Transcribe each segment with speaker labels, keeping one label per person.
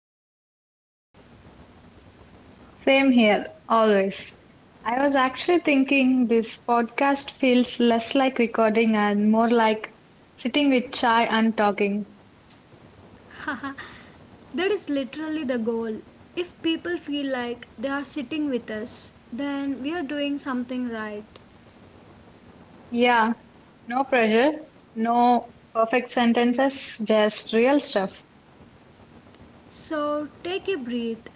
Speaker 1: Sreshta.
Speaker 2: Same here, always. I was actually thinking this podcast feels less like recording and more like sitting with chai and talking.
Speaker 1: That is literally the goal. If people feel like they are sitting with us, then we are doing something right.
Speaker 2: Yeah, no pressure, no perfect sentences, just real stuff.
Speaker 1: So take a breath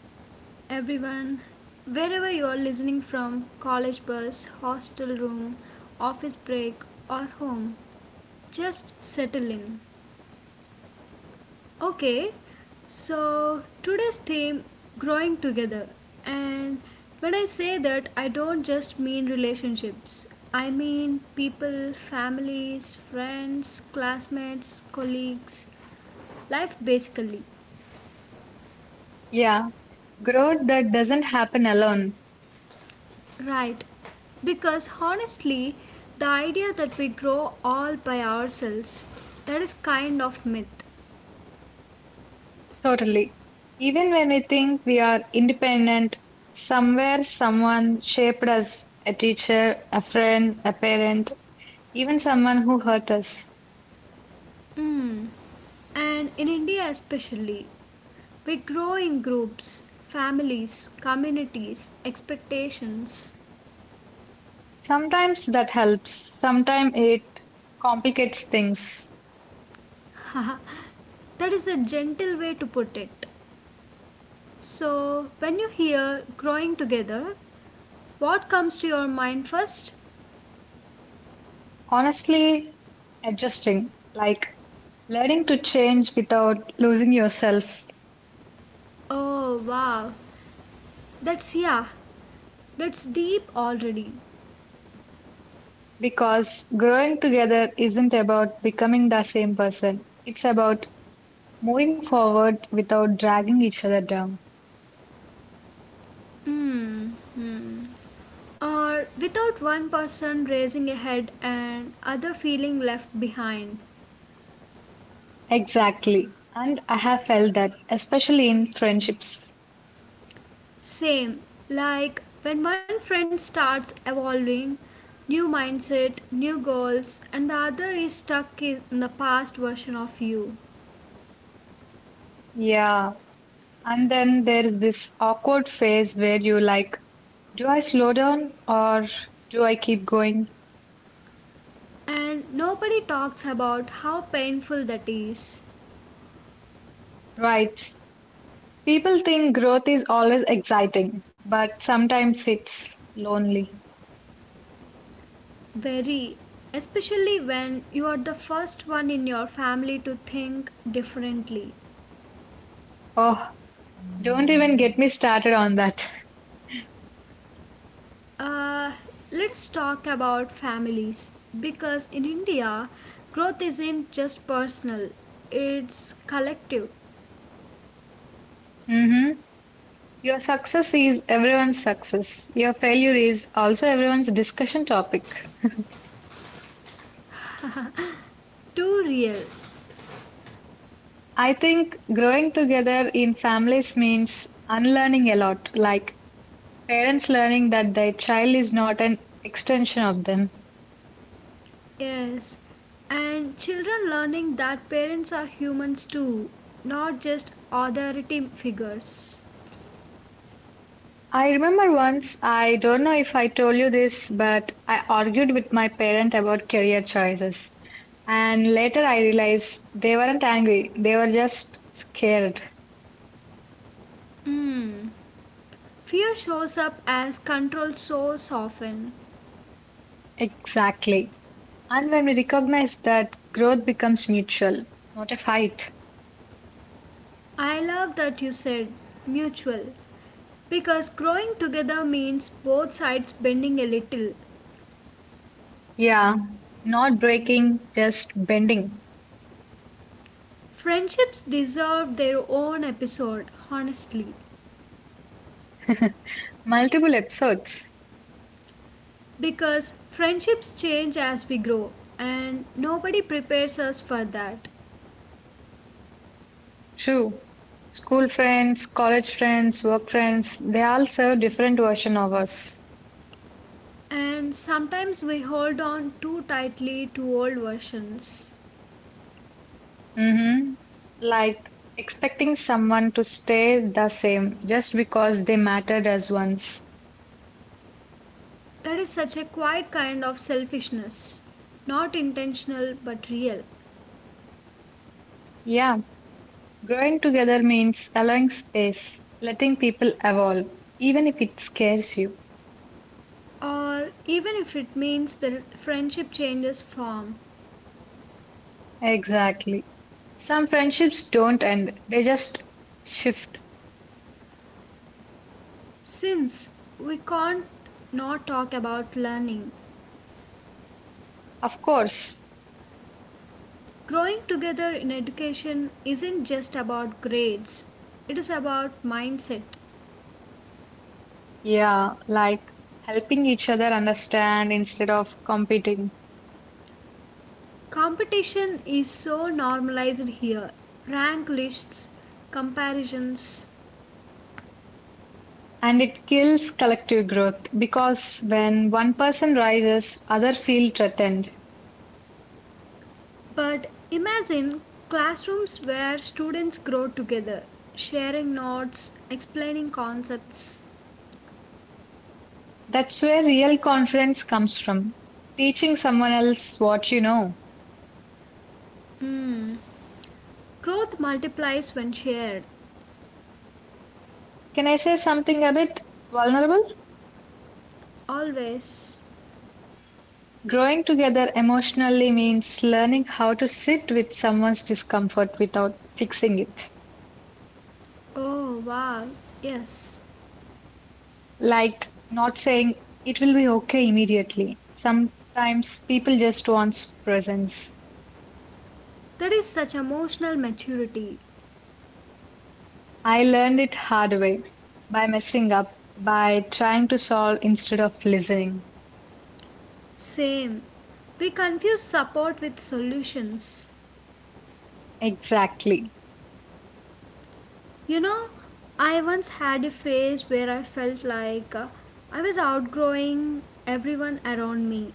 Speaker 1: everyone. Wherever you are listening from college bus, hostel room, office break, or home, just settle in. Okay, so today's theme growing together. And when I say that, I don't just mean relationships, I mean people, families, friends, classmates, colleagues, life basically.
Speaker 2: Yeah, growth that doesn't happen alone.
Speaker 1: Right. Because honestly, the idea that we grow all by ourselves, that is kind of myth.
Speaker 2: Totally. Even when we think we are independent, somewhere someone shaped us a teacher, a friend, a parent, even someone who hurt us.
Speaker 1: Mm. And in India especially, we grow in groups, families, communities, expectations.
Speaker 2: Sometimes that helps, sometimes it complicates things.
Speaker 1: That is a gentle way to put it. So, when you hear growing together, what comes to your mind first?
Speaker 2: Honestly, adjusting, like learning to change without losing yourself,
Speaker 1: Oh, wow. That's yeah. That's deep already.
Speaker 2: because growing together isn't about becoming the same person, it's about moving forward without dragging each other down.
Speaker 1: Hmm. Mm. Or without one person raising a head and other feeling left behind.
Speaker 2: Exactly. And I have felt that, especially in friendships.
Speaker 1: Same, like when one friend starts evolving, new mindset, new goals, and the other is stuck in the past version of you.
Speaker 2: Yeah. And then there's this awkward phase where you like, do I slow down or do I keep going?
Speaker 1: And nobody talks about how painful that is.
Speaker 2: Right. People think growth is always exciting, but sometimes it's lonely.
Speaker 1: Very, especially when you are the first one in your family to think differently.
Speaker 2: Oh, don't even get me started on that.
Speaker 1: Uh, let's talk about families because in India, growth isn't just personal, it's collective,
Speaker 2: Mm-hmm. Your success is everyone's success. Your failure is also everyone's discussion topic.
Speaker 1: too real.
Speaker 2: I think growing together in families means unlearning a lot, like parents learning that their child is not an extension of them.
Speaker 1: Yes, and children learning that parents are humans too, not just authority figures.
Speaker 2: I remember once, I don't know if I told you this, but I argued with my parent about career choices. And later I realized they weren't angry, they were just scared.
Speaker 1: Mm. Fear shows up as control so often.
Speaker 2: Exactly. And when we recognize that growth becomes mutual, not a fight.
Speaker 1: I love that you said mutual because growing together means both sides bending a little.
Speaker 2: Yeah, not breaking, just bending.
Speaker 1: Friendships deserve their own episode, honestly,
Speaker 2: Multiple episodes.
Speaker 1: because friendships change as we grow, and nobody prepares us for that.
Speaker 2: True. School friends, college friends, work friends, they all serve different version of us.
Speaker 1: And sometimes we hold on too tightly to old versions.
Speaker 2: hmm Like expecting someone to stay the same just because they mattered as once.
Speaker 1: That is such a quiet kind of selfishness, not intentional but real.
Speaker 2: Yeah, growing together means allowing space, letting people evolve, even if it scares you.
Speaker 1: Or even if it means the friendship changes form,
Speaker 2: Exactly. Some friendships don't end, they just shift.
Speaker 1: since we can't not talk about learning.
Speaker 2: Of course.
Speaker 1: Growing together in education isn't just about grades, it is about mindset.
Speaker 2: Yeah, like helping each other understand instead of competing.
Speaker 1: Competition is so normalized here, rank lists, comparisons.
Speaker 2: And it kills collective growth because when one person rises, other feel threatened.
Speaker 1: But imagine classrooms where students grow together, sharing notes, explaining concepts.
Speaker 2: That's where real confidence comes from. Teaching someone else what you know.
Speaker 1: Hmm. Growth multiplies when shared,
Speaker 2: Can I say something a bit vulnerable?
Speaker 1: always.
Speaker 2: Growing together emotionally means learning how to sit with someone's discomfort without fixing it.
Speaker 1: Oh wow, yes.
Speaker 2: Like not saying it will be okay immediately. Sometimes people just want presence.
Speaker 1: That is such emotional maturity.
Speaker 2: I learned it hard way by messing up, by trying to solve instead of listening.
Speaker 1: Same. We confuse support with solutions.
Speaker 2: Exactly.
Speaker 1: You know, I once had a phase where I felt like I was outgrowing everyone around me.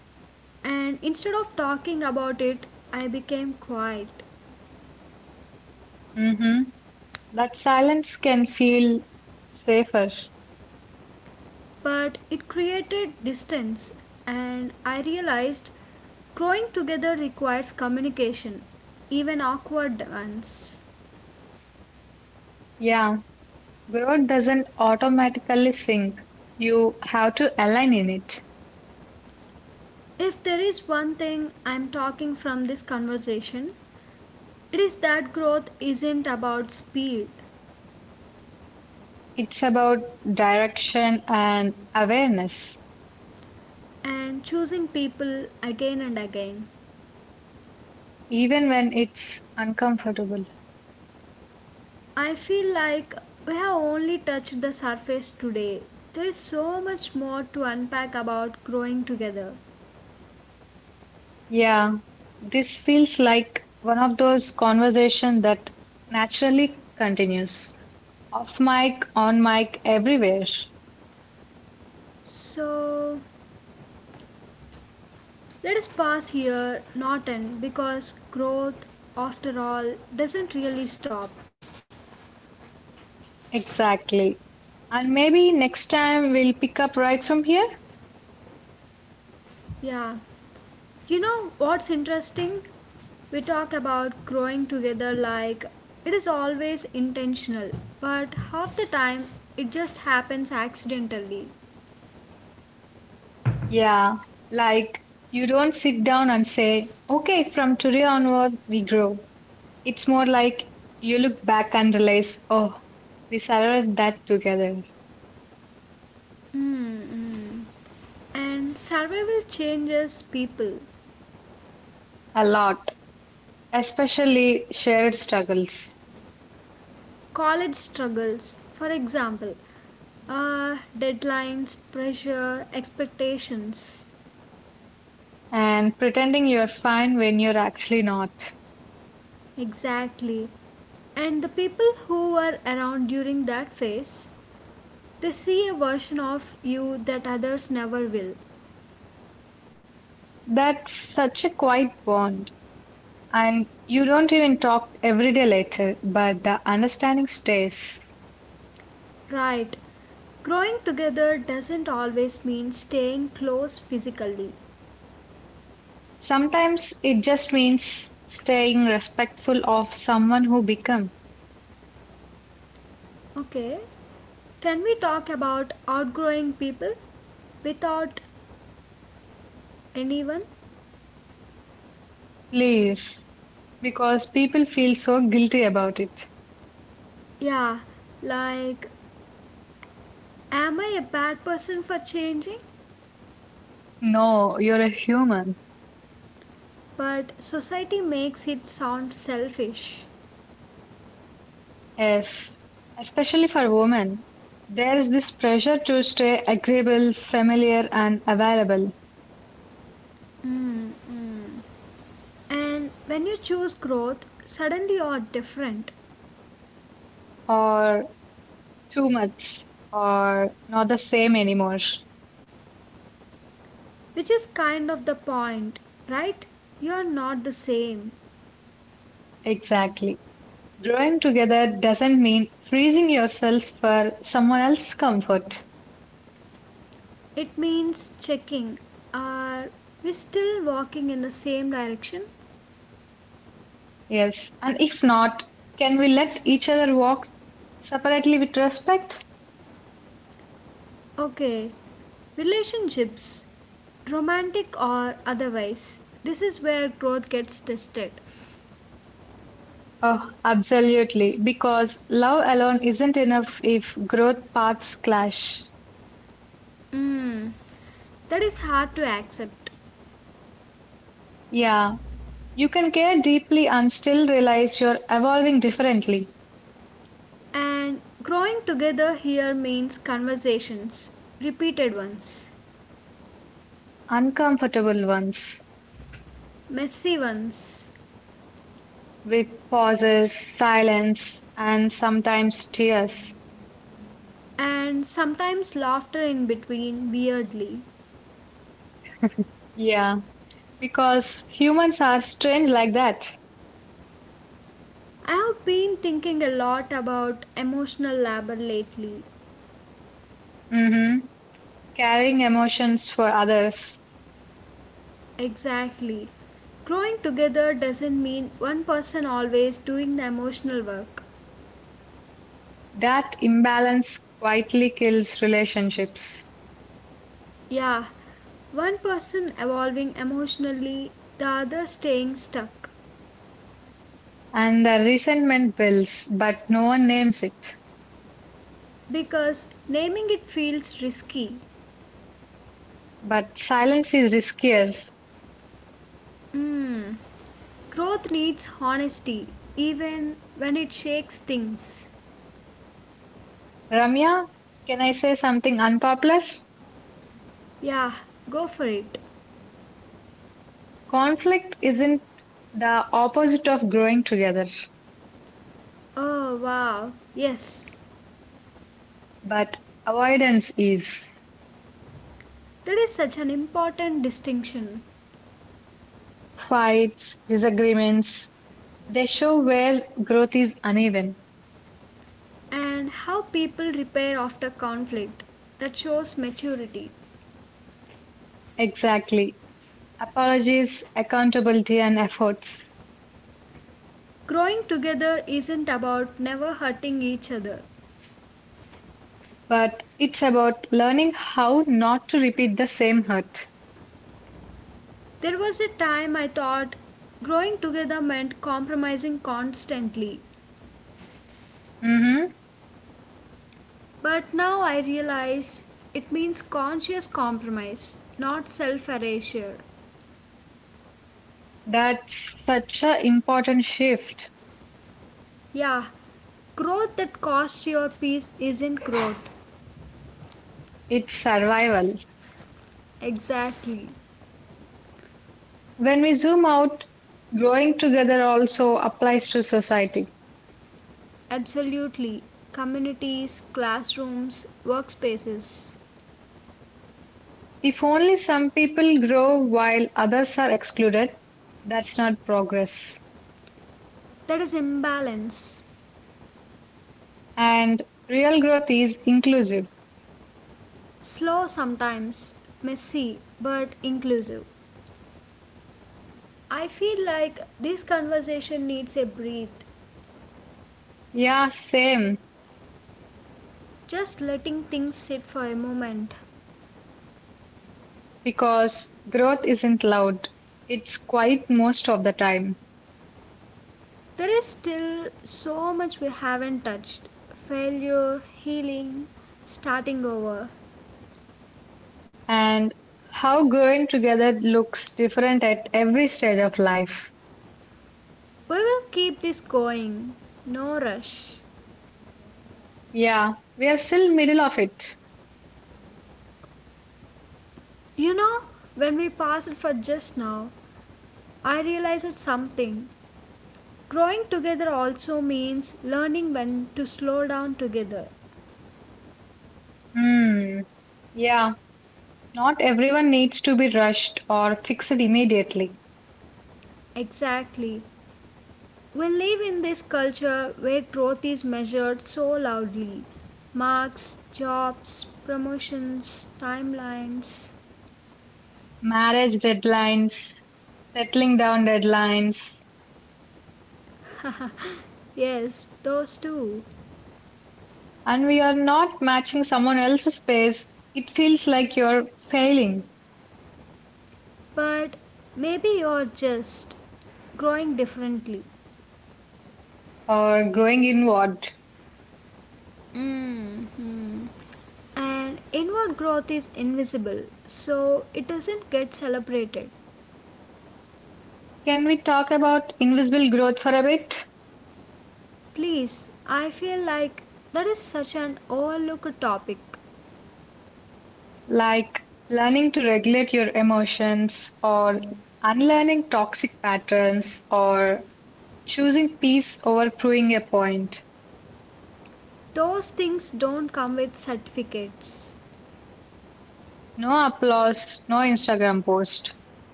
Speaker 1: And instead of talking about it, I became quiet.
Speaker 2: Mm-hmm. That silence can feel safer.
Speaker 1: But it created distance, and I realized growing together requires communication, even awkward ones.
Speaker 2: Yeah, growth doesn't automatically sink. You have to align in it.
Speaker 1: If there is one thing I'm talking from this conversation, it is that growth isn't about speed
Speaker 2: It's about direction and awareness,
Speaker 1: and choosing people again and again.
Speaker 2: even when it's uncomfortable.
Speaker 1: I feel like we have only touched the surface today. There is so much more to unpack about growing together.
Speaker 2: Yeah, this feels like one of those conversations that naturally continues off mic, on mic, everywhere.
Speaker 1: So let us pass here, not end, because growth, after all, doesn't really stop.
Speaker 2: Exactly. And maybe next time we'll pick up right from here.
Speaker 1: Yeah, you know what's interesting? We talk about growing together like it is always intentional, but half the time it just happens accidentally.
Speaker 2: Yeah, like you don't sit down and say, okay, from today onward we grow. It's more like you look back and realize, oh, we survived that together
Speaker 1: Mm-hmm. And survival changes people.
Speaker 2: a lot, especially shared struggles.
Speaker 1: College struggles, for example, deadlines, pressure, expectations.
Speaker 2: And pretending you're fine when you're actually not.
Speaker 1: Exactly. And the people who were around during that phase, they see a version of you that others never will.
Speaker 2: That's such a quiet bond. And you don't even talk every day later, but the understanding stays.
Speaker 1: Right. Growing together doesn't always mean staying close physically.
Speaker 2: Sometimes it just means staying respectful of someone who become.
Speaker 1: Okay. Can we talk about outgrowing people without anyone?
Speaker 2: Please, because people feel so guilty about it.
Speaker 1: Yeah, like, am I a bad person for changing?
Speaker 2: No, you're a human.
Speaker 1: But society makes it sound selfish.
Speaker 2: Yes, especially for women. There is this pressure to stay agreeable, familiar, and available,
Speaker 1: Mm, mm. And when you choose growth, suddenly you are different.
Speaker 2: or too much or not the same anymore.
Speaker 1: Which is kind of the point, right? You are not the same.
Speaker 2: Exactly. Growing together doesn't mean freezing yourselves for someone else's comfort.
Speaker 1: It means checking. Are we still walking in the same direction?
Speaker 2: Yes. And if not, can we let each other walk separately with respect?
Speaker 1: Okay. Relationships, romantic or otherwise. This is where growth gets tested.
Speaker 2: Oh, absolutely. Because love alone isn't enough if growth paths clash.
Speaker 1: Mm, that is hard to accept.
Speaker 2: Yeah. You can care deeply and still realize you're evolving differently.
Speaker 1: And growing together here means conversations, repeated ones,
Speaker 2: Uncomfortable ones.
Speaker 1: messy ones,
Speaker 2: With pauses, silence, and sometimes tears.
Speaker 1: and sometimes laughter in between, weirdly.
Speaker 2: Yeah, because humans are strange like that.
Speaker 1: I have been thinking a lot about emotional labor lately.
Speaker 2: hmm Carrying emotions for others.
Speaker 1: Exactly. Growing together doesn't mean one person always doing the emotional work.
Speaker 2: That imbalance quietly kills relationships.
Speaker 1: Yeah, one person evolving emotionally, the other staying stuck.
Speaker 2: And the resentment builds, but no one names it.
Speaker 1: Because naming it feels risky.
Speaker 2: But silence is riskier.
Speaker 1: Hmm. Growth needs honesty, even when it shakes things.
Speaker 2: Ramya, can I say something unpopular?
Speaker 1: Yeah, go for it.
Speaker 2: Conflict isn't the opposite of growing together,
Speaker 1: Oh, wow. Yes.
Speaker 2: but avoidance is.
Speaker 1: That is such an important distinction.
Speaker 2: Fights, disagreements, they show where growth is uneven.
Speaker 1: And how people repair after conflict. That shows maturity.
Speaker 2: Exactly. Apologies, accountability, and efforts.
Speaker 1: Growing together isn't about never hurting each other.
Speaker 2: But it's about learning how not to repeat the same hurt.
Speaker 1: There was a time I thought growing together meant compromising constantly.
Speaker 2: Mm-hmm.
Speaker 1: But now I realize it means conscious compromise, not self erasure.
Speaker 2: That's such an important shift.
Speaker 1: Yeah, growth that costs your peace isn't growth.
Speaker 2: It's survival.
Speaker 1: Exactly.
Speaker 2: When we zoom out, growing together also applies to society.
Speaker 1: Absolutely. Communities, classrooms, workspaces.
Speaker 2: If only some people grow while others are excluded, that's not progress.
Speaker 1: There is imbalance.
Speaker 2: And real growth is inclusive.
Speaker 1: Slow sometimes, messy, but inclusive. I feel like this conversation needs a breath.
Speaker 2: Yeah, same.
Speaker 1: Just letting things sit for a moment.
Speaker 2: Because growth isn't loud, it's quiet most of the time.
Speaker 1: There is still so much we haven't touched, failure, healing, starting over.
Speaker 2: And how growing together looks different at every stage of life.
Speaker 1: We will keep this going. No rush.
Speaker 2: Yeah, we are still middle of it.
Speaker 1: You know, when we paused for just now, I realized something. Growing together also means learning when to slow down together.
Speaker 2: Hmm. Yeah, not everyone needs to be rushed or fixed immediately.
Speaker 1: Exactly. We live in this culture where growth is measured so loudly, marks, jobs, promotions, timelines.
Speaker 2: Marriage deadlines, settling down deadlines,
Speaker 1: Yes, those too.
Speaker 2: and we are not matching someone else's pace, it feels like you're failing
Speaker 1: But maybe you're just growing differently.
Speaker 2: or growing inward.
Speaker 1: Mm-hmm. And inward growth is invisible, so it doesn't get celebrated.
Speaker 2: Can we talk about invisible growth for a bit?
Speaker 1: Please, I feel like that is such an overlooked topic.
Speaker 2: Like learning to regulate your emotions, or unlearning toxic patterns, or choosing peace over proving a point.
Speaker 1: Those things don't come with certificates,
Speaker 2: No applause, no Instagram post,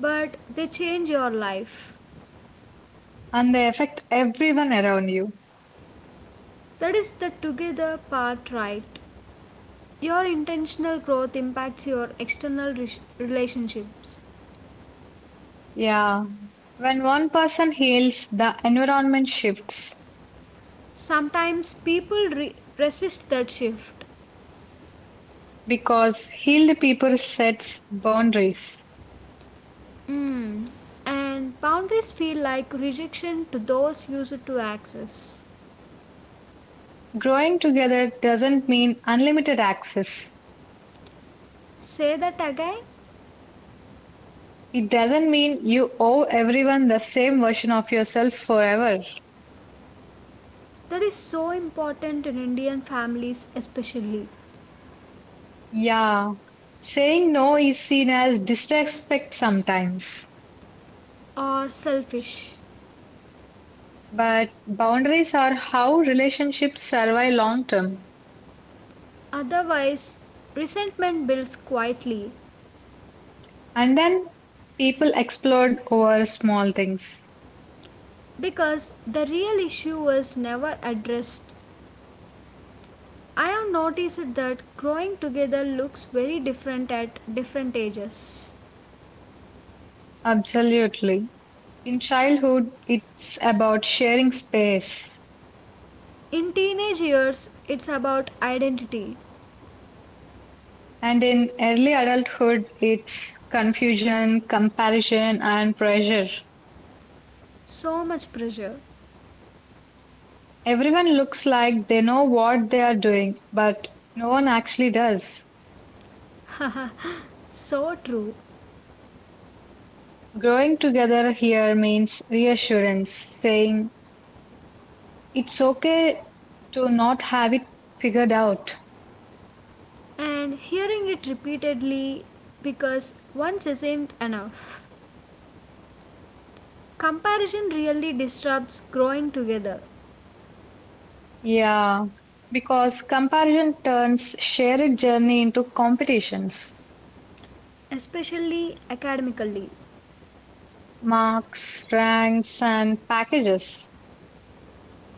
Speaker 1: but they change your life.
Speaker 2: and they affect everyone around you.
Speaker 1: That is the together part, right? Your intentional growth impacts your external relationships.
Speaker 2: Yeah, when one person heals, the environment shifts.
Speaker 1: Sometimes people resist that shift.
Speaker 2: Because healed people sets boundaries.
Speaker 1: Mm. And boundaries feel like rejection to those used to access.
Speaker 2: Growing together doesn't mean unlimited access.
Speaker 1: Say that again.
Speaker 2: It doesn't mean you owe everyone the same version of yourself forever.
Speaker 1: That is so important in Indian families, especially,
Speaker 2: Yeah. Saying no is seen as disrespect sometimes,
Speaker 1: are selfish.
Speaker 2: but boundaries are how relationships survive long term.
Speaker 1: Otherwise, resentment builds quietly
Speaker 2: And then people explode over small things.
Speaker 1: because the real issue was never addressed. I have noticed that growing together looks very different at different ages.
Speaker 2: Absolutely. In childhood, it's about sharing space.
Speaker 1: In teenage years, it's about identity.
Speaker 2: And in early adulthood, it's confusion, comparison, and pressure.
Speaker 1: So much pressure.
Speaker 2: Everyone looks like they know what they are doing, but no one actually does.
Speaker 1: So true.
Speaker 2: Growing together here means reassurance, saying it's okay to not have it figured out.
Speaker 1: And hearing it repeatedly because once isn't enough. Comparison really disrupts growing together,
Speaker 2: Yeah, because comparison turns shared journey into competitions,
Speaker 1: especially academically,
Speaker 2: marks, ranks, and packages,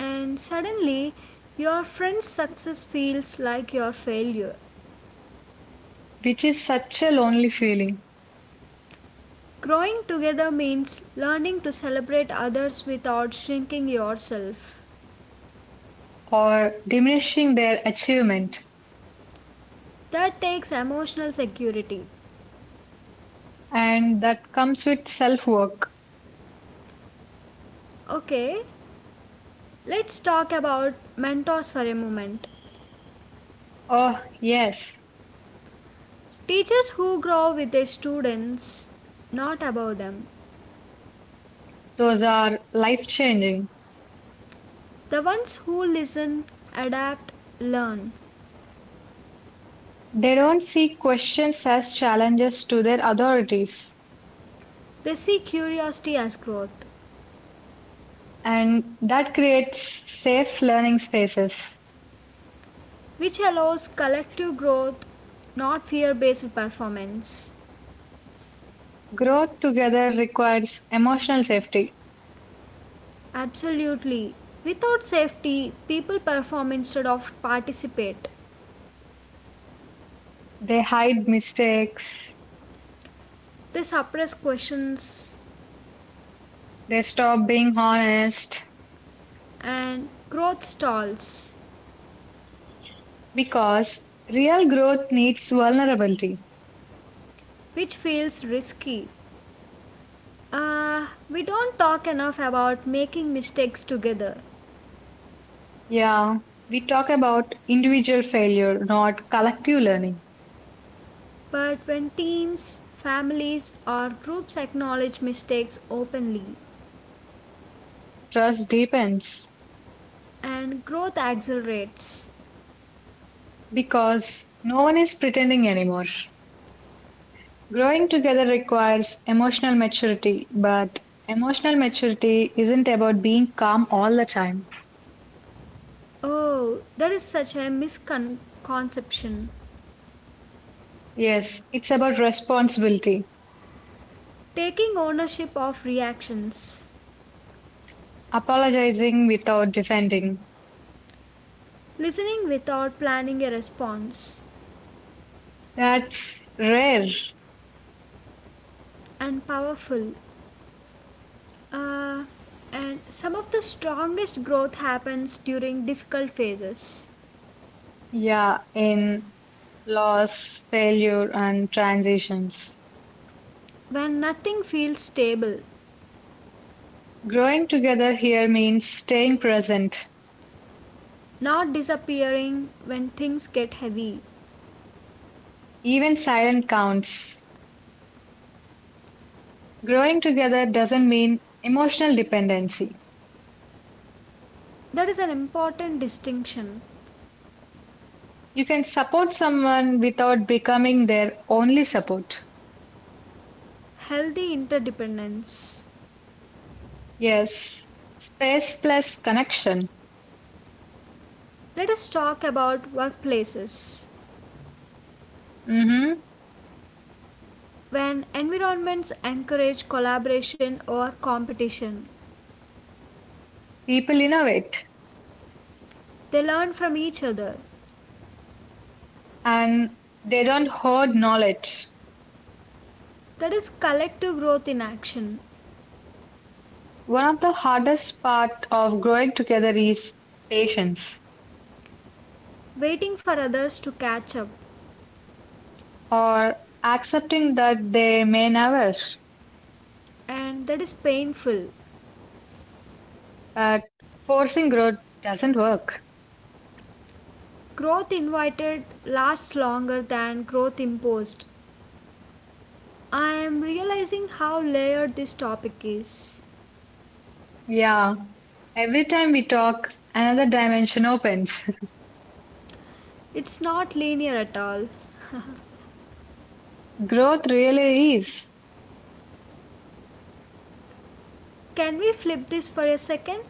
Speaker 1: and suddenly your friend's success feels like your failure.
Speaker 2: which is such a lonely feeling.
Speaker 1: Growing together means learning to celebrate others without shrinking yourself.
Speaker 2: Or diminishing their achievement,
Speaker 1: That takes emotional security.
Speaker 2: and that comes with self work.
Speaker 1: Okay, let's talk about mentors for a moment.
Speaker 2: Oh, yes,
Speaker 1: Teachers who grow with their students, not above them.
Speaker 2: those are life changing.
Speaker 1: The ones who listen, adapt, learn.
Speaker 2: They don't see questions as challenges to their authorities,
Speaker 1: They see curiosity as growth,
Speaker 2: and that creates safe learning spaces.
Speaker 1: which allows collective growth, not fear based performance.
Speaker 2: Growth together requires emotional safety.
Speaker 1: Absolutely. Without safety, people perform instead of participate.
Speaker 2: They hide mistakes,
Speaker 1: They suppress questions
Speaker 2: they stop being honest
Speaker 1: and growth stalls,
Speaker 2: because real growth needs vulnerability.
Speaker 1: which feels risky. We don't talk enough about making mistakes together,
Speaker 2: Yeah, we talk about individual failure, not collective learning.
Speaker 1: but when teams, families, or groups acknowledge mistakes openly
Speaker 2: Trust deepens
Speaker 1: and growth accelerates,
Speaker 2: because no one is pretending anymore. Growing together requires emotional maturity, but emotional maturity isn't about being calm all the time.
Speaker 1: oh, that is such a misconception.
Speaker 2: Yes, it's about responsibility,
Speaker 1: Taking ownership of reactions,
Speaker 2: apologizing without defending.
Speaker 1: listening without planning a response,
Speaker 2: That's rare.
Speaker 1: and powerful. Uh, and some of the strongest growth happens during difficult phases,
Speaker 2: Yeah, in loss, failure, and transitions.
Speaker 1: when nothing feels stable,
Speaker 2: Growing together here means staying present.
Speaker 1: not disappearing when things get heavy.
Speaker 2: Even silent counts. Growing together doesn't mean emotional dependency.
Speaker 1: That is an important distinction.
Speaker 2: You can support someone without becoming their only support.
Speaker 1: Healthy interdependence.
Speaker 2: Yes, space plus connection.
Speaker 1: Let us talk about workplaces.
Speaker 2: hmm
Speaker 1: When environments encourage collaboration or competition.
Speaker 2: People innovate
Speaker 1: They learn from each other.
Speaker 2: and they don't hoard knowledge.
Speaker 1: That is collective growth in action,
Speaker 2: One of the hardest part of growing together is patience
Speaker 1: waiting for others to catch up,
Speaker 2: or accepting that they may never.
Speaker 1: and that is painful.
Speaker 2: But forcing growth doesn't work.
Speaker 1: Growth invited lasts longer than growth imposed. I am realizing how layered this topic is.
Speaker 2: Yeah, every time we talk, another dimension opens.
Speaker 1: It's not linear at all.
Speaker 2: growth really is.
Speaker 1: Can we flip this for a second?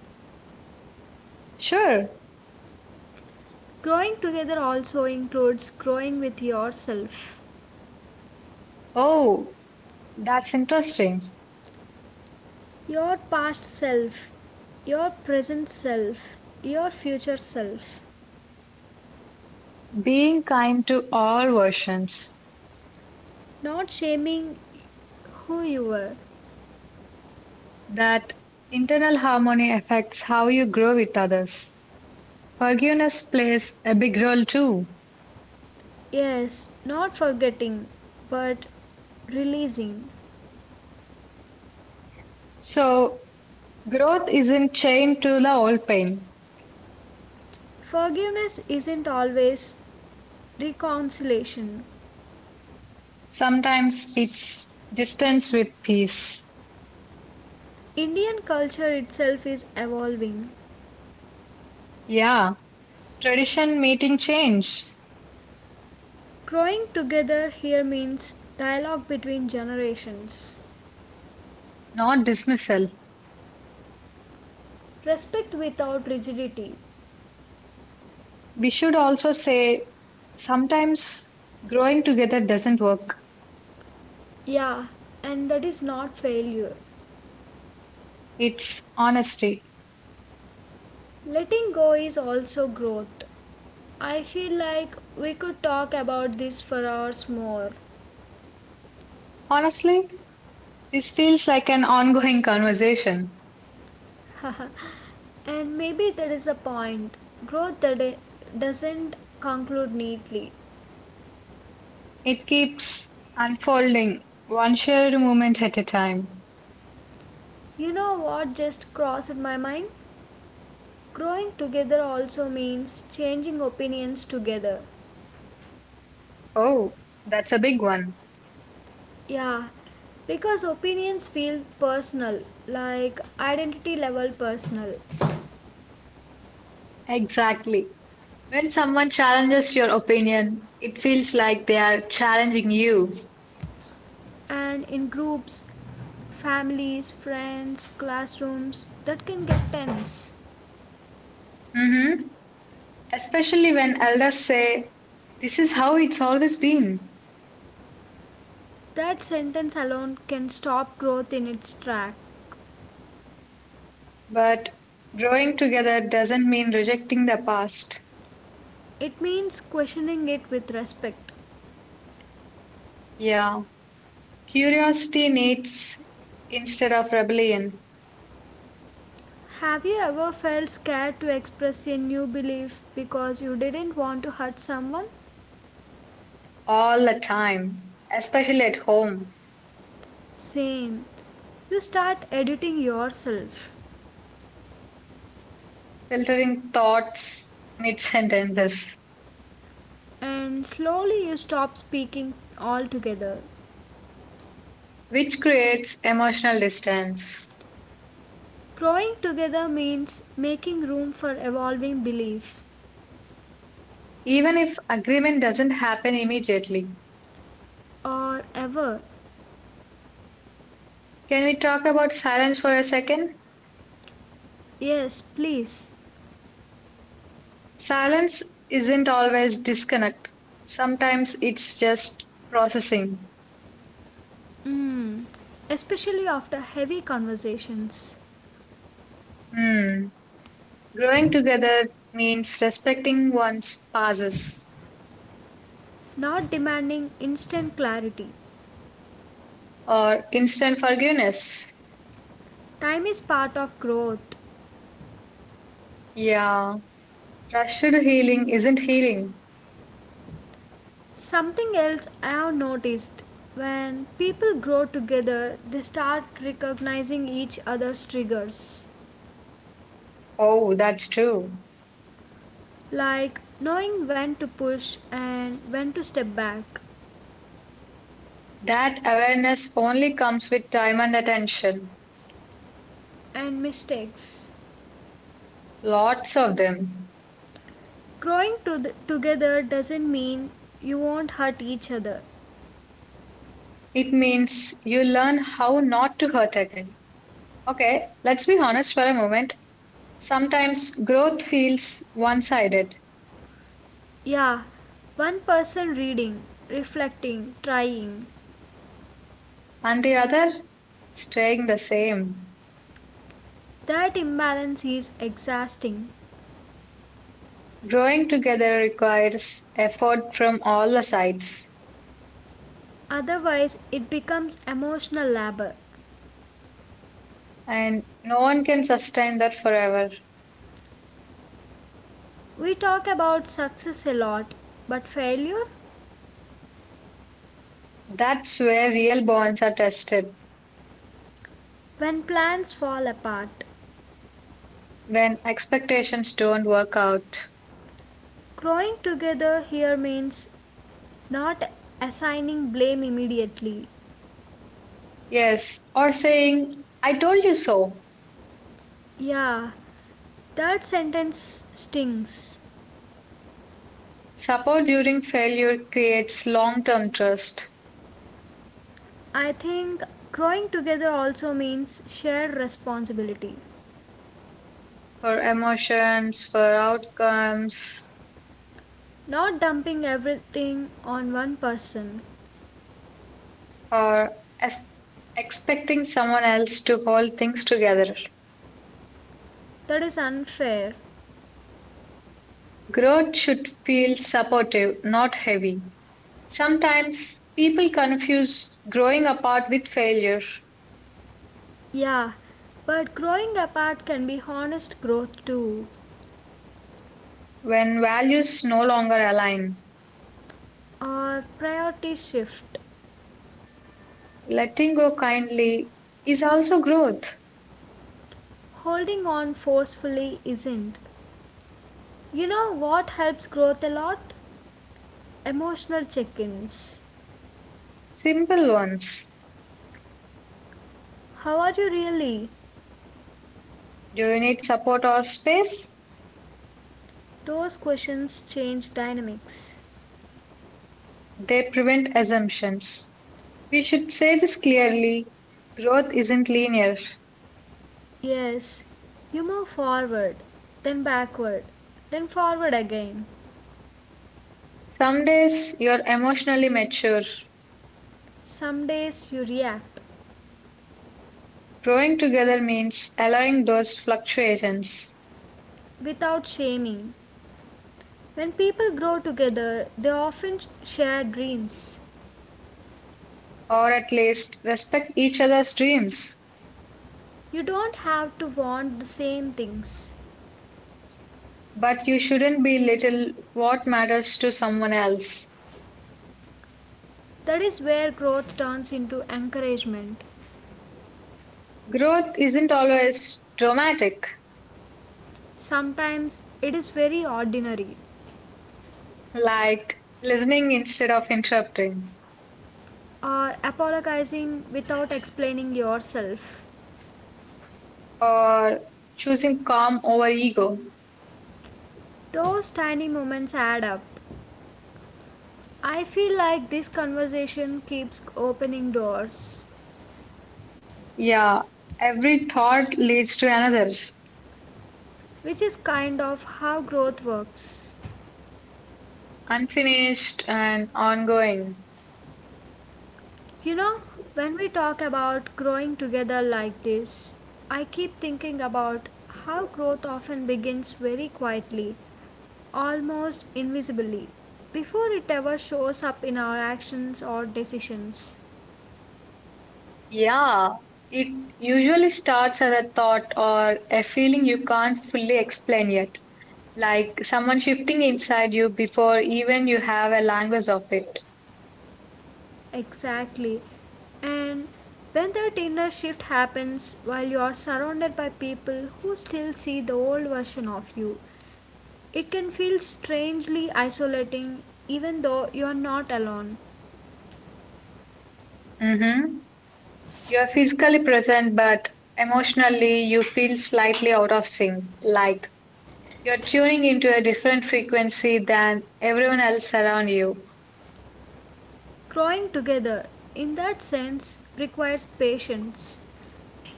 Speaker 2: Sure.
Speaker 1: Growing together also includes growing with yourself.
Speaker 2: Oh, that's interesting.
Speaker 1: Your past self, your present self, your future self.
Speaker 2: Being kind to all versions.
Speaker 1: Not shaming who you were.
Speaker 2: That internal harmony affects how you grow with others. Forgiveness plays a big role too.
Speaker 1: Yes, not forgetting, but releasing.
Speaker 2: So, growth isn't chained to the old pain.
Speaker 1: Forgiveness isn't always reconciliation.
Speaker 2: Sometimes it's distance with peace.
Speaker 1: Indian culture itself is evolving.
Speaker 2: Yeah. Tradition meeting change,
Speaker 1: Growing together here means dialogue between generations.
Speaker 2: not dismissal.
Speaker 1: Respect without rigidity.
Speaker 2: We should also say sometimes growing together doesn't work.
Speaker 1: Yeah, and that is not failure.
Speaker 2: It's honesty.
Speaker 1: Letting go is also growth. I feel like we could talk about this for hours more.
Speaker 2: Honestly, this feels like an ongoing conversation.
Speaker 1: And maybe there is a point. Growth that doesn't conclude neatly.
Speaker 2: It keeps unfolding, one shared moment at a time.
Speaker 1: You know what just crossed my mind? Growing together also means changing opinions together.
Speaker 2: Oh, that's a big one.
Speaker 1: Yeah, because opinions feel personal, like identity level personal.
Speaker 2: Exactly. When someone challenges your opinion, it feels like they are challenging you.
Speaker 1: And in groups, families, friends, classrooms, that can get tense.
Speaker 2: Mm-hmm. Especially when elders say, this is how it's always been.
Speaker 1: That sentence alone can stop growth in its track.
Speaker 2: But growing together doesn't mean rejecting the past.
Speaker 1: It means questioning it with respect.
Speaker 2: Yeah, curiosity needs instead of rebellion
Speaker 1: Have you ever felt scared to express a new belief because you didn't want to hurt someone?
Speaker 2: all the time, especially at home,
Speaker 1: Same. You start editing yourself
Speaker 2: filtering thoughts mid sentences,
Speaker 1: and slowly you stop speaking altogether.
Speaker 2: which creates emotional distance.
Speaker 1: Growing together means making room for evolving beliefs.
Speaker 2: Even if agreement doesn't happen immediately.
Speaker 1: Or ever.
Speaker 2: Can we talk about silence for a second?
Speaker 1: Yes, please.
Speaker 2: Silence isn't always disconnect. Sometimes it's just processing.
Speaker 1: Mm. Especially after heavy conversations.
Speaker 2: Hmm. Growing together means respecting one's pauses
Speaker 1: Not demanding instant clarity.
Speaker 2: or instant forgiveness.
Speaker 1: Time is part of growth.
Speaker 2: Yeah. Rushed healing isn't healing.
Speaker 1: Something else I have noticed, when people grow together, they start recognizing each other's triggers,
Speaker 2: Oh, that's true.
Speaker 1: like knowing when to push and when to step back,
Speaker 2: That awareness only comes with time and attention.
Speaker 1: and mistakes.
Speaker 2: Lots of them.
Speaker 1: Growing to together doesn't mean you won't hurt each other.
Speaker 2: It means you learn how not to hurt again. Okay, let's be honest for a moment. Sometimes growth feels one sided,
Speaker 1: Yeah, one person reading, reflecting, trying.
Speaker 2: and the other staying the same.
Speaker 1: That imbalance is exhausting.
Speaker 2: Growing together requires effort from all the sides,
Speaker 1: Otherwise, it becomes emotional labor.
Speaker 2: and no one can sustain that forever.
Speaker 1: We talk about success a lot, but failure?
Speaker 2: That's where real bonds are tested
Speaker 1: When plans fall apart.
Speaker 2: when expectations don't work out.
Speaker 1: Growing together here means not assigning blame immediately.
Speaker 2: Yes, or saying, I told you so.
Speaker 1: Yeah, that sentence stings.
Speaker 2: Support during failure creates long term trust
Speaker 1: I think growing together also means shared responsibility.
Speaker 2: for emotions, for outcomes,
Speaker 1: Not dumping everything on one person.
Speaker 2: or as expecting someone else to hold things together.
Speaker 1: That is unfair.
Speaker 2: Growth should feel supportive, not heavy. Sometimes people confuse growing apart with failure
Speaker 1: Yeah, but growing apart can be honest growth too,
Speaker 2: when values no longer align.
Speaker 1: or priority shift.
Speaker 2: Letting go kindly is also growth.
Speaker 1: Holding on forcefully isn't. You know what helps growth a lot? Emotional check ins.
Speaker 2: Simple ones.
Speaker 1: How are you really?
Speaker 2: Do you need support or space?
Speaker 1: Those questions change dynamics.
Speaker 2: They prevent assumptions. We should say this clearly growth isn't linear.
Speaker 1: Yes, you move forward, then backward, then forward again.
Speaker 2: Some days you're emotionally mature.
Speaker 1: Some days you react
Speaker 2: Growing together means allowing those fluctuations,
Speaker 1: without shaming. When people grow together, they often share dreams.
Speaker 2: or at least respect each other's dreams.
Speaker 1: You don't have to want the same things.
Speaker 2: But you shouldn't belittle what matters to someone else.
Speaker 1: That is where growth turns into encouragement.
Speaker 2: Growth isn't always dramatic,
Speaker 1: Sometimes it is very ordinary
Speaker 2: like listening instead of interrupting,
Speaker 1: or apologizing without explaining yourself.
Speaker 2: or choosing calm over ego.
Speaker 1: Those tiny moments add up. I feel like this conversation keeps opening doors,
Speaker 2: Yeah, every thought leads to another,
Speaker 1: which is kind of how growth works.
Speaker 2: unfinished and ongoing.
Speaker 1: You know, when we talk about growing together like this, I keep thinking about how growth often begins very quietly, almost invisibly, before it ever shows up in our actions or decisions.
Speaker 2: Yeah, it usually starts as a thought or a feeling you can't fully explain yet, like someone shifting inside you before even you have a language of it.
Speaker 1: Exactly. And when that inner shift happens while you are surrounded by people who still see the old version of you, it can feel strangely isolating even though you are not alone.
Speaker 2: hmm You're physically present, but emotionally you feel slightly out of sync, like you're tuning into a different frequency than everyone else around you.
Speaker 1: Growing together, in that sense, requires patience,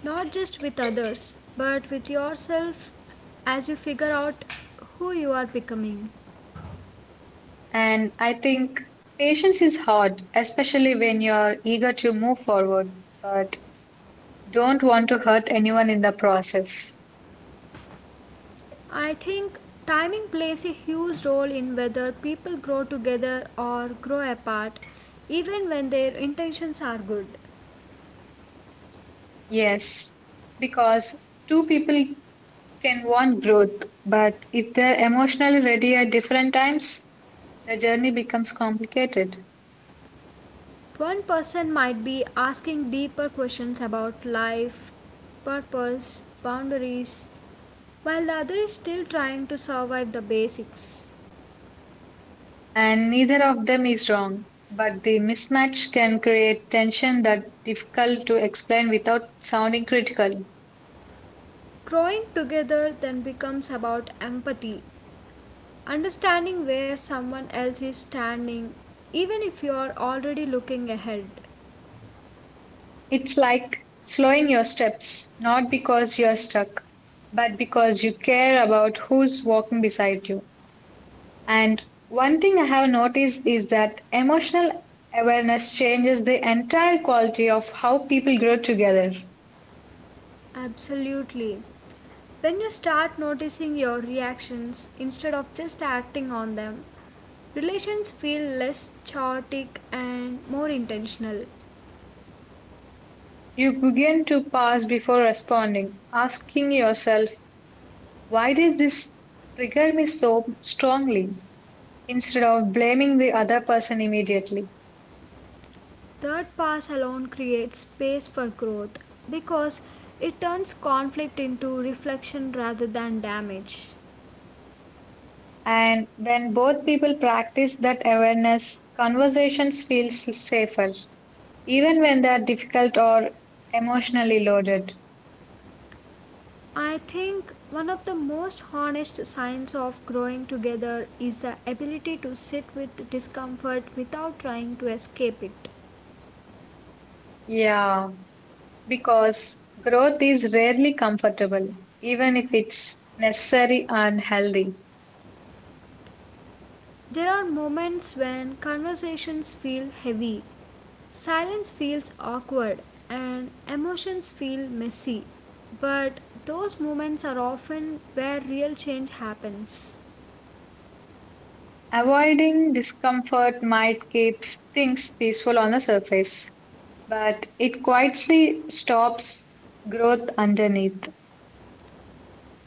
Speaker 1: not just with others, but with yourself as you figure out who you are becoming.
Speaker 2: And I think patience is hard, especially when you're eager to move forward. But Don't want to hurt anyone in the process.
Speaker 1: I think timing plays a huge role in whether people grow together or grow apart, even when their intentions are good.
Speaker 2: Yes, because two people can want growth, but if they're emotionally ready at different times, the journey becomes complicated.
Speaker 1: One person might be asking deeper questions about life, purpose, boundaries, while the other is still trying to survive the basics.
Speaker 2: And neither of them is wrong, but the mismatch can create tension that's difficult to explain without sounding critical.
Speaker 1: Growing together then becomes about empathy, understanding where someone else is standing, even if you are already looking ahead.
Speaker 2: It's like slowing your steps, not because you're stuck, but because you care about who's walking beside you. And one thing I have noticed is that emotional awareness changes the entire quality of how people grow together.
Speaker 1: Absolutely. When you start noticing your reactions instead of just acting on them, relations feel less chaotic and more intentional.
Speaker 2: You begin to pause before responding, asking yourself, why did this trigger me so strongly? Instead of blaming the other person immediately.
Speaker 1: Third pass alone creates space for growth because it turns conflict into reflection rather than damage.
Speaker 2: And when both people practice that awareness, conversations feel safer, even when they are difficult or emotionally loaded.
Speaker 1: I think one of the most honest signs of growing together is the ability to sit with discomfort without trying to escape it.
Speaker 2: Yeah. Because growth is rarely comfortable, even if it's necessary and healthy.
Speaker 1: There are moments when conversations feel heavy, silence feels awkward, and emotions feel messy. But those moments are often where real change happens.
Speaker 2: Avoiding discomfort might keep things peaceful on the surface, but it quietly stops growth underneath.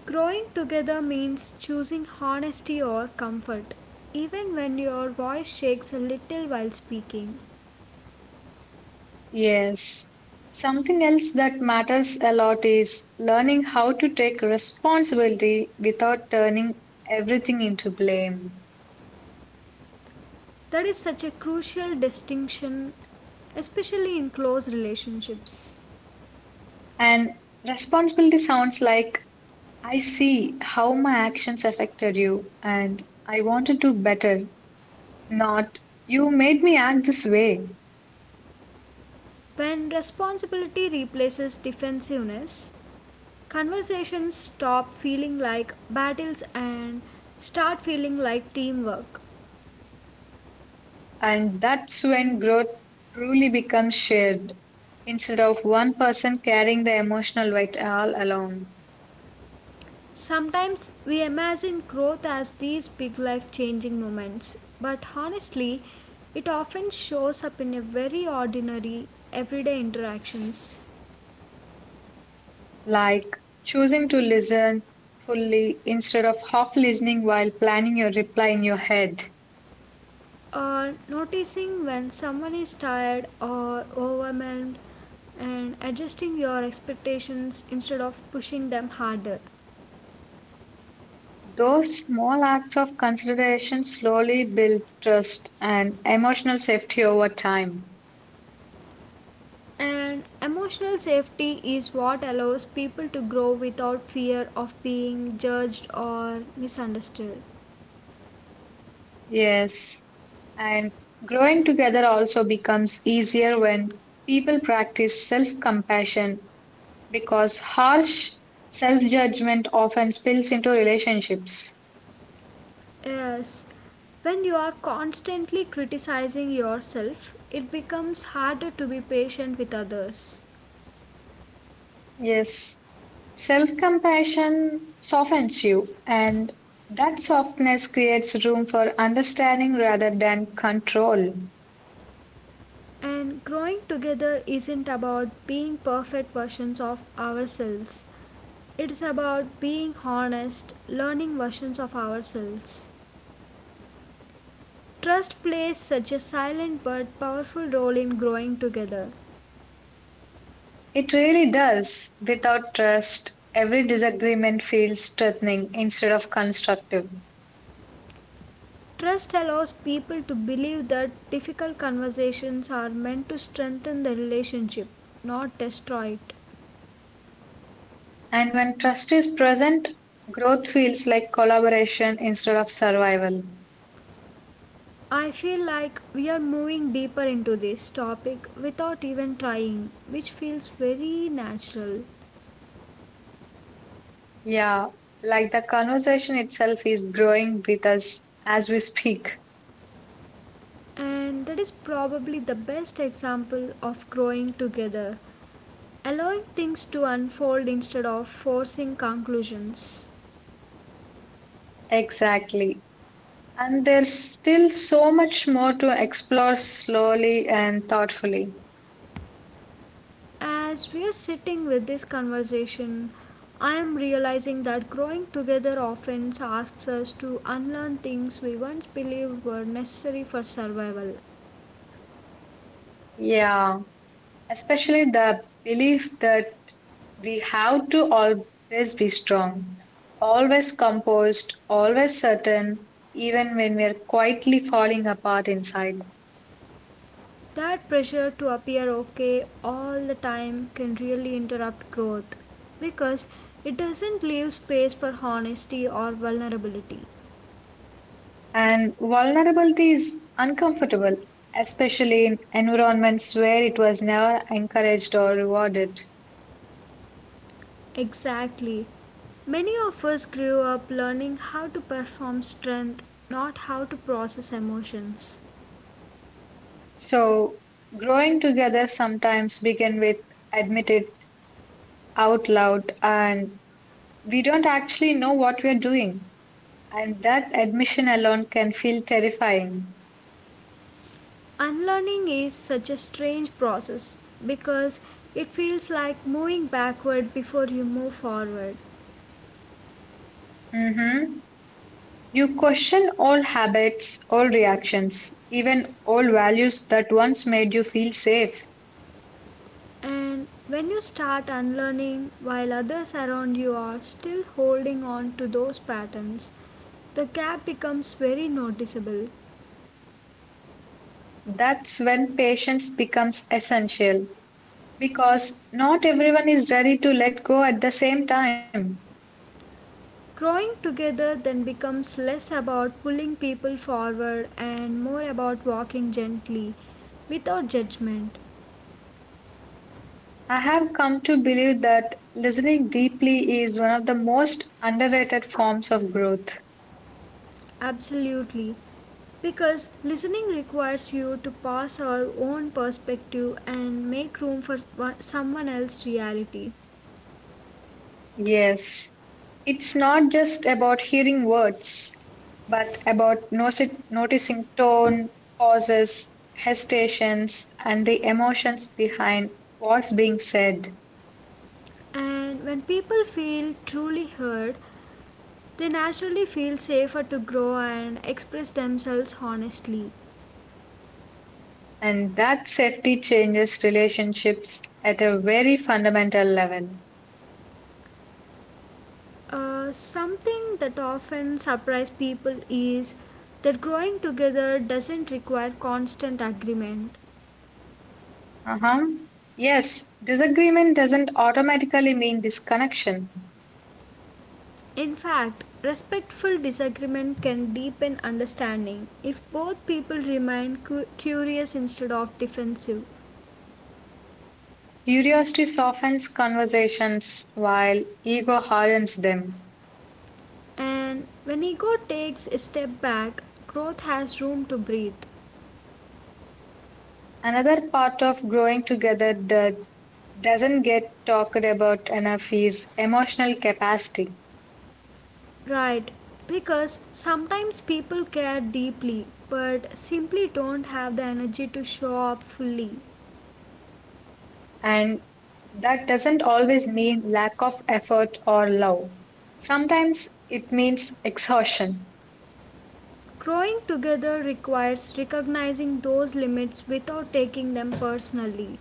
Speaker 1: Growing together means choosing honesty or comfort, even when your voice shakes a little while speaking.
Speaker 2: Yes. Something else that matters a lot is learning how to take responsibility without turning everything into blame.
Speaker 1: That is such a crucial distinction, especially in close relationships.
Speaker 2: And responsibility sounds like I see how my actions affected you, and I wanted to better, not you made me act this way.
Speaker 1: When responsibility replaces defensiveness, conversations stop feeling like battles and start feeling like teamwork.
Speaker 2: And that's when growth truly becomes shared, instead of one person carrying the emotional weight all alone.
Speaker 1: Sometimes we imagine growth as these big life changing moments, but honestly, it often shows up in a very ordinary, everyday interactions.
Speaker 2: Like choosing to listen fully instead of half listening while planning your reply in your head.
Speaker 1: Noticing when someone is tired or overwhelmed and adjusting your expectations instead of pushing them harder.
Speaker 2: Those small acts of consideration slowly build trust and emotional safety over time.
Speaker 1: And emotional safety is what allows people to grow without fear of being judged or misunderstood.
Speaker 2: Yes. And growing together also becomes easier when people practice self compassion because harsh self judgment often spills into relationships.
Speaker 1: Yes, when you are constantly criticizing yourself, it becomes harder to be patient with others.
Speaker 2: Yes, self compassion softens you, and that softness creates room for understanding rather than control.
Speaker 1: And growing together isn't about being perfect versions of ourselves. It's about being honest, learning versions of ourselves. Trust plays such a silent but powerful role in growing together.
Speaker 2: It really does. Without trust, every disagreement feels threatening instead of constructive.
Speaker 1: Trust allows people to believe that difficult conversations are meant to strengthen the relationship, not destroy it.
Speaker 2: And when trust is present, growth feels like collaboration instead of survival.
Speaker 1: I feel like we are moving deeper into this topic without even trying, which feels very natural.
Speaker 2: Yeah, like the conversation itself is growing with us as we speak.
Speaker 1: And that is probably the best example of growing together, allowing things to unfold instead of forcing conclusions.
Speaker 2: Exactly. And there's still so much more to explore slowly and thoughtfully.
Speaker 1: As we are sitting with this conversation, I am realizing that growing together often asks us to unlearn things we once believed were necessary for survival.
Speaker 2: Yeah, especially the belief that we have to always be strong, always composed, always certain, even when we're quietly falling apart inside.
Speaker 1: That pressure to appear okay all the time can really interrupt growth because it doesn't leave space for honesty or vulnerability.
Speaker 2: And vulnerability is uncomfortable, especially in environments where it was never encouraged or rewarded.
Speaker 1: Exactly. Many of us grew up learning how to perform strength, not how to process emotions.
Speaker 2: So, growing together sometimes begin with admit it out loud, and we don't actually know what we are doing. And that admission alone can feel terrifying.
Speaker 1: Unlearning is such a strange process because it feels like moving backward before you move forward.
Speaker 2: Mm-hmm. You question all habits, all reactions, even all values that once made you feel safe.
Speaker 1: And when you start unlearning while others around you are still holding on to those patterns, the gap becomes very noticeable.
Speaker 2: That's when patience becomes essential because not everyone is ready to let go at the same time.
Speaker 1: Growing together then becomes less about pulling people forward and more about walking gently, without judgment.
Speaker 2: I have come to believe that listening deeply is one of the most underrated forms of growth.
Speaker 1: Absolutely. Because listening requires you to pass our own perspective and make room for someone else's reality.
Speaker 2: Yes, it's not just about hearing words, but about noticing tone, pauses, hesitations, and the emotions behind what's being said.
Speaker 1: And when people feel truly heard, they naturally feel safer to grow and express themselves honestly.
Speaker 2: And that safety changes relationships at a very fundamental level.
Speaker 1: Something that often surprises people is that growing together doesn't require constant agreement.
Speaker 2: Uh-huh. Yes, disagreement doesn't automatically mean disconnection.
Speaker 1: In fact, respectful disagreement can deepen understanding if both people remain curious instead of defensive.
Speaker 2: Curiosity softens conversations while ego hardens them.
Speaker 1: And when ego takes a step back, growth has room to breathe.
Speaker 2: Another part of growing together that doesn't get talked about enough is emotional capacity.
Speaker 1: Right, because sometimes people care deeply but simply don't have the energy to show up fully.
Speaker 2: And that doesn't always mean lack of effort or love. Sometimes it means exhaustion.
Speaker 1: Growing together requires recognizing those limits without taking them personally.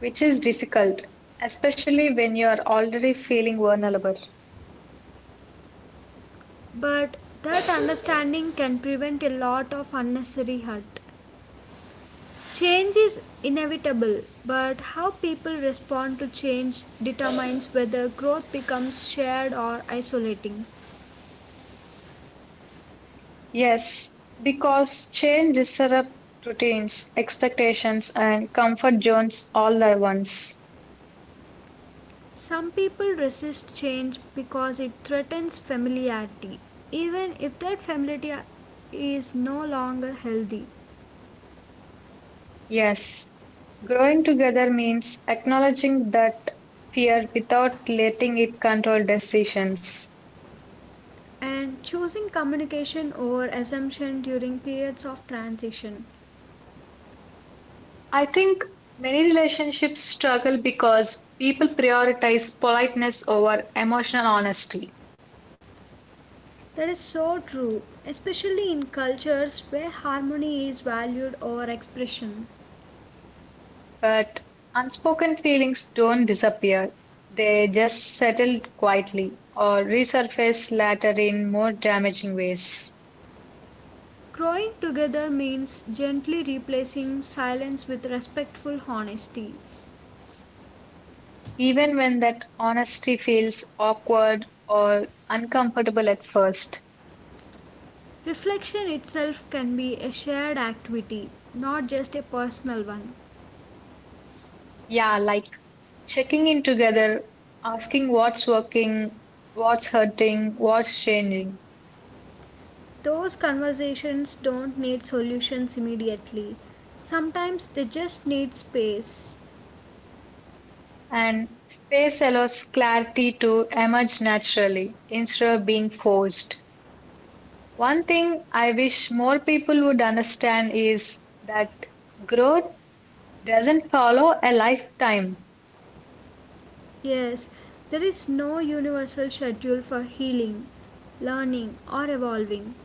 Speaker 2: Which is difficult, especially when you are already feeling vulnerable.
Speaker 1: But that understanding can prevent a lot of unnecessary hurt. Change is inevitable, but how people respond to change determines whether growth becomes shared or isolating.
Speaker 2: Yes, because change disrupts routines, expectations, and comfort zones all at once.
Speaker 1: Some people resist change because it threatens familiarity, even if that familiarity is no longer healthy,
Speaker 2: Yes, growing together means acknowledging that fear without letting it control decisions.
Speaker 1: and choosing communication over assumption during periods of transition.
Speaker 2: I think many relationships struggle because people prioritize politeness over emotional honesty.
Speaker 1: That is so true, especially in cultures where harmony is valued over expression.
Speaker 2: But unspoken feelings don't disappear. They just settle quietly or resurface later in more damaging ways.
Speaker 1: Growing together means gently replacing silence with respectful honesty.
Speaker 2: Even when that honesty feels awkward or uncomfortable at first.
Speaker 1: Reflection itself can be a shared activity, not just a personal one.
Speaker 2: Yeah, like checking in together, asking what's working, what's hurting, what's changing.
Speaker 1: Those conversations don't need solutions immediately. Sometimes they just need space.
Speaker 2: And space allows clarity to emerge naturally instead of being forced. One thing I wish more people would understand is that growth doesn't follow a lifetime.
Speaker 1: Yes, there is no universal schedule for healing, learning, or evolving.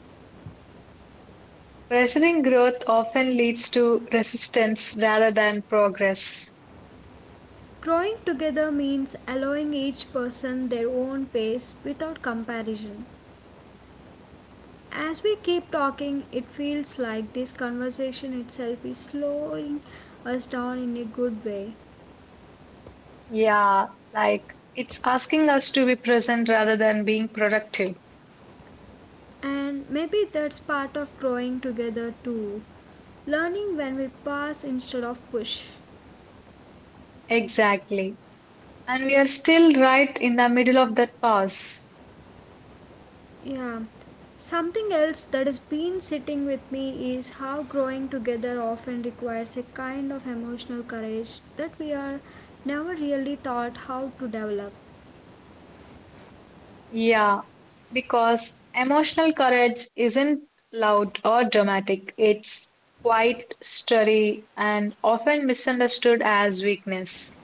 Speaker 2: Pressuring growth often leads to resistance rather than progress.
Speaker 1: Growing together means allowing each person their own pace without comparison. As we keep talking, it feels like this conversation itself is slowing us down in a good way.
Speaker 2: Yeah, like it's asking us to be present rather than being productive.
Speaker 1: And maybe that's part of growing together too. Learning when we pass instead of push.
Speaker 2: Exactly. And we are still right in the middle of that pause.
Speaker 1: Yeah. Something else that has been sitting with me is how growing together often requires a kind of emotional courage that we are never really taught how to develop.
Speaker 2: Yeah, because emotional courage isn't loud or dramatic, it's quite sturdy and often misunderstood as weakness,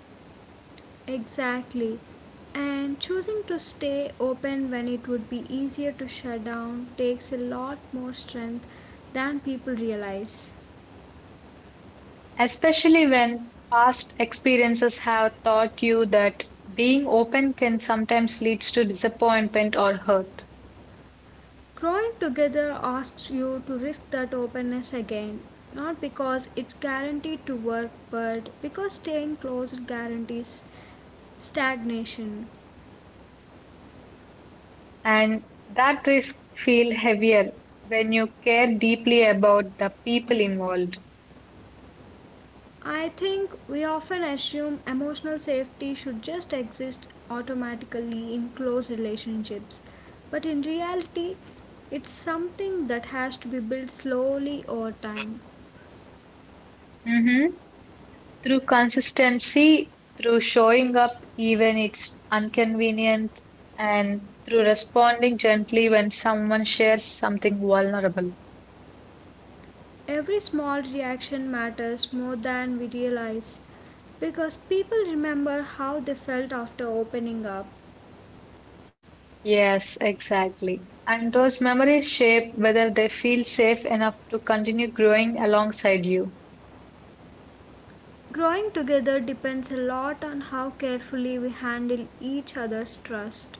Speaker 1: Exactly. And choosing to stay open when it would be easier to shut down takes a lot more strength than people realize.
Speaker 2: especially when past experiences have taught you that being open can sometimes lead to disappointment or hurt.
Speaker 1: Growing together asks you to risk that openness again, not because it's guaranteed to work, but because staying closer guarantees stagnation.
Speaker 2: And that risk feel heavier when you care deeply about the people involved.
Speaker 1: I think we often assume emotional safety should just exist automatically in close relationships, but in reality, it's something that has to be built slowly over time.
Speaker 2: Mm-hmm. Through consistency, through showing up even it's inconvenient, and through responding gently when someone shares something vulnerable.
Speaker 1: Every small reaction matters more than we realize because people remember how they felt after opening up.
Speaker 2: Yes, exactly. And those memories shape whether they feel safe enough to continue growing alongside you.
Speaker 1: Growing together depends a lot on how carefully we handle each other's trust.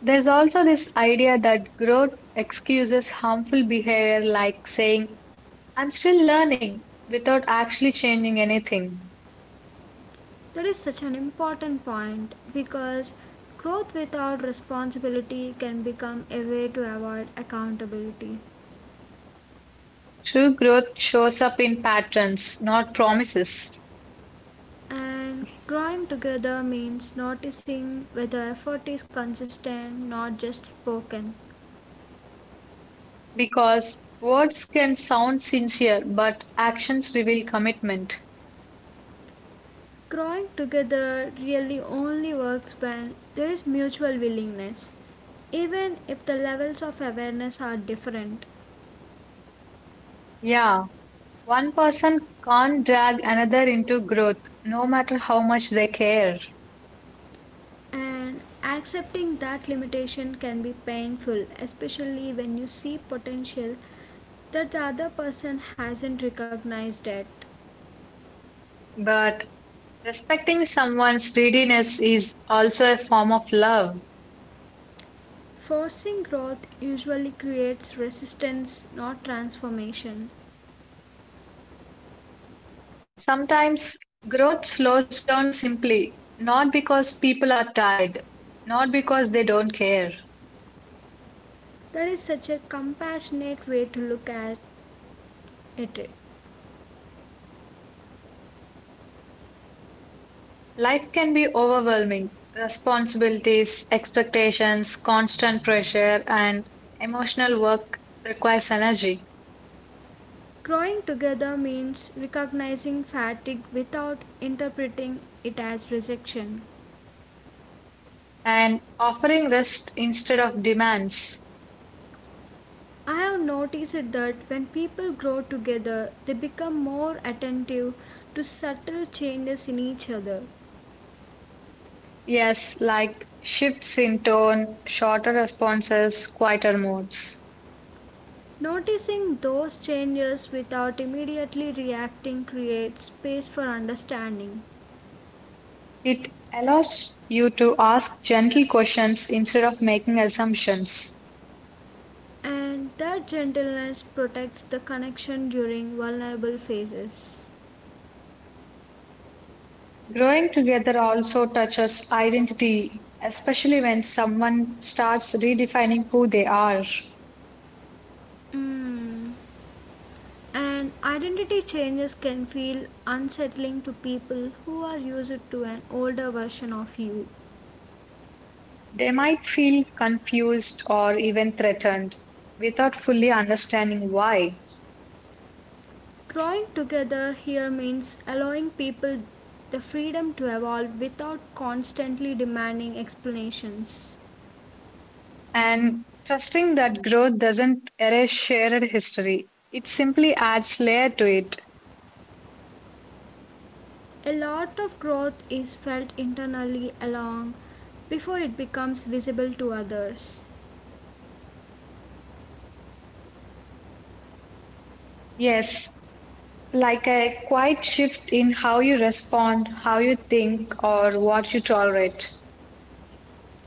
Speaker 2: There's also this idea that growth excuses harmful behavior like saying, I'm still learning, without actually changing anything.
Speaker 1: That is such an important point because growth without responsibility can become a way to avoid accountability.
Speaker 2: True growth shows up in patterns, not promises,
Speaker 1: And growing together means noticing whether effort is consistent, not just spoken.
Speaker 2: because words can sound sincere, but actions reveal commitment.
Speaker 1: Growing together really only works when there is mutual willingness, even if the levels of awareness are different.
Speaker 2: Yeah, one person can't drag another into growth, no matter how much they care.
Speaker 1: And accepting that limitation can be painful, especially when you see potential that the other person hasn't recognized it.
Speaker 2: But respecting someone's readiness is also a form of love.
Speaker 1: Forcing growth usually creates resistance, not transformation.
Speaker 2: Sometimes growth slows down simply, not because people are tired, not because they don't care.
Speaker 1: That is such a compassionate way to look at it.
Speaker 2: Life can be overwhelming. Responsibilities, expectations, constant pressure, and emotional work requires energy.
Speaker 1: Growing together means recognizing fatigue without interpreting it as rejection.
Speaker 2: And offering rest instead of demands.
Speaker 1: I have noticed that when people grow together, they become more attentive to subtle changes in each other.
Speaker 2: Yes, like shifts in tone, shorter responses, quieter modes.
Speaker 1: Noticing those changes without immediately reacting creates space for understanding,
Speaker 2: It allows you to ask gentle questions instead of making assumptions.
Speaker 1: and that gentleness protects the connection during vulnerable phases.
Speaker 2: Growing together also touches identity, especially when someone starts redefining who they are.
Speaker 1: Mm. And identity changes can feel unsettling to people who are used to an older version of you.
Speaker 2: They might feel confused or even threatened without fully understanding why.
Speaker 1: Growing together here means allowing people the freedom to evolve without constantly demanding explanations.
Speaker 2: And trusting that growth doesn't erase shared history, it simply adds layer to it.
Speaker 1: A lot of growth is felt internally along before it becomes visible to others.
Speaker 2: Yes, like a quiet shift in how you respond, how you think, or what you tolerate.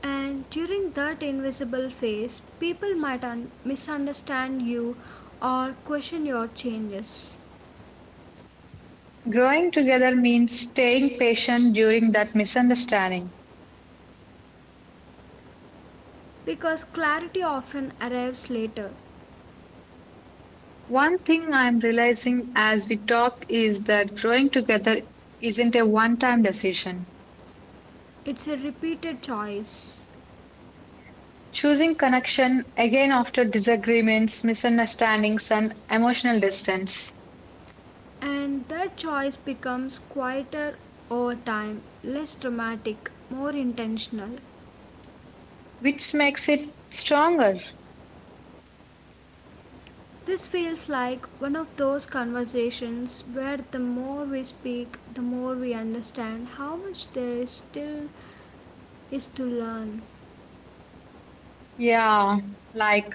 Speaker 1: And during that invisible phase, people might misunderstand you or question your changes
Speaker 2: Growing together means staying patient during that misunderstanding.
Speaker 1: because clarity often arrives later.
Speaker 2: One thing I'm realizing as we talk is that growing together isn't a one time decision.
Speaker 1: It's a repeated choice,
Speaker 2: Choosing connection again after disagreements, misunderstandings, and emotional distance,
Speaker 1: and that choice becomes quieter over time, less dramatic, more intentional.
Speaker 2: which makes it stronger.
Speaker 1: This feels like one of those conversations where the more we speak, the more we understand how much there is still is to learn.
Speaker 2: Yeah, like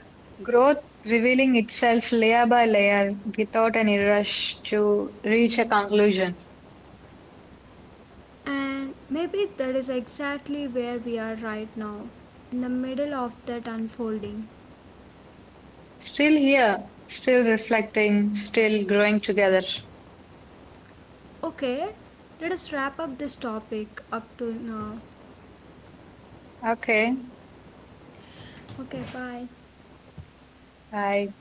Speaker 2: growth revealing itself layer by layer without any rush to reach a conclusion.
Speaker 1: And maybe that is exactly where we are right now, in the middle of that unfolding.
Speaker 2: Still here, still reflecting, still growing together.
Speaker 1: Okay, let us wrap up this topic up to now.
Speaker 2: Okay,
Speaker 1: Okay, bye.
Speaker 2: bye.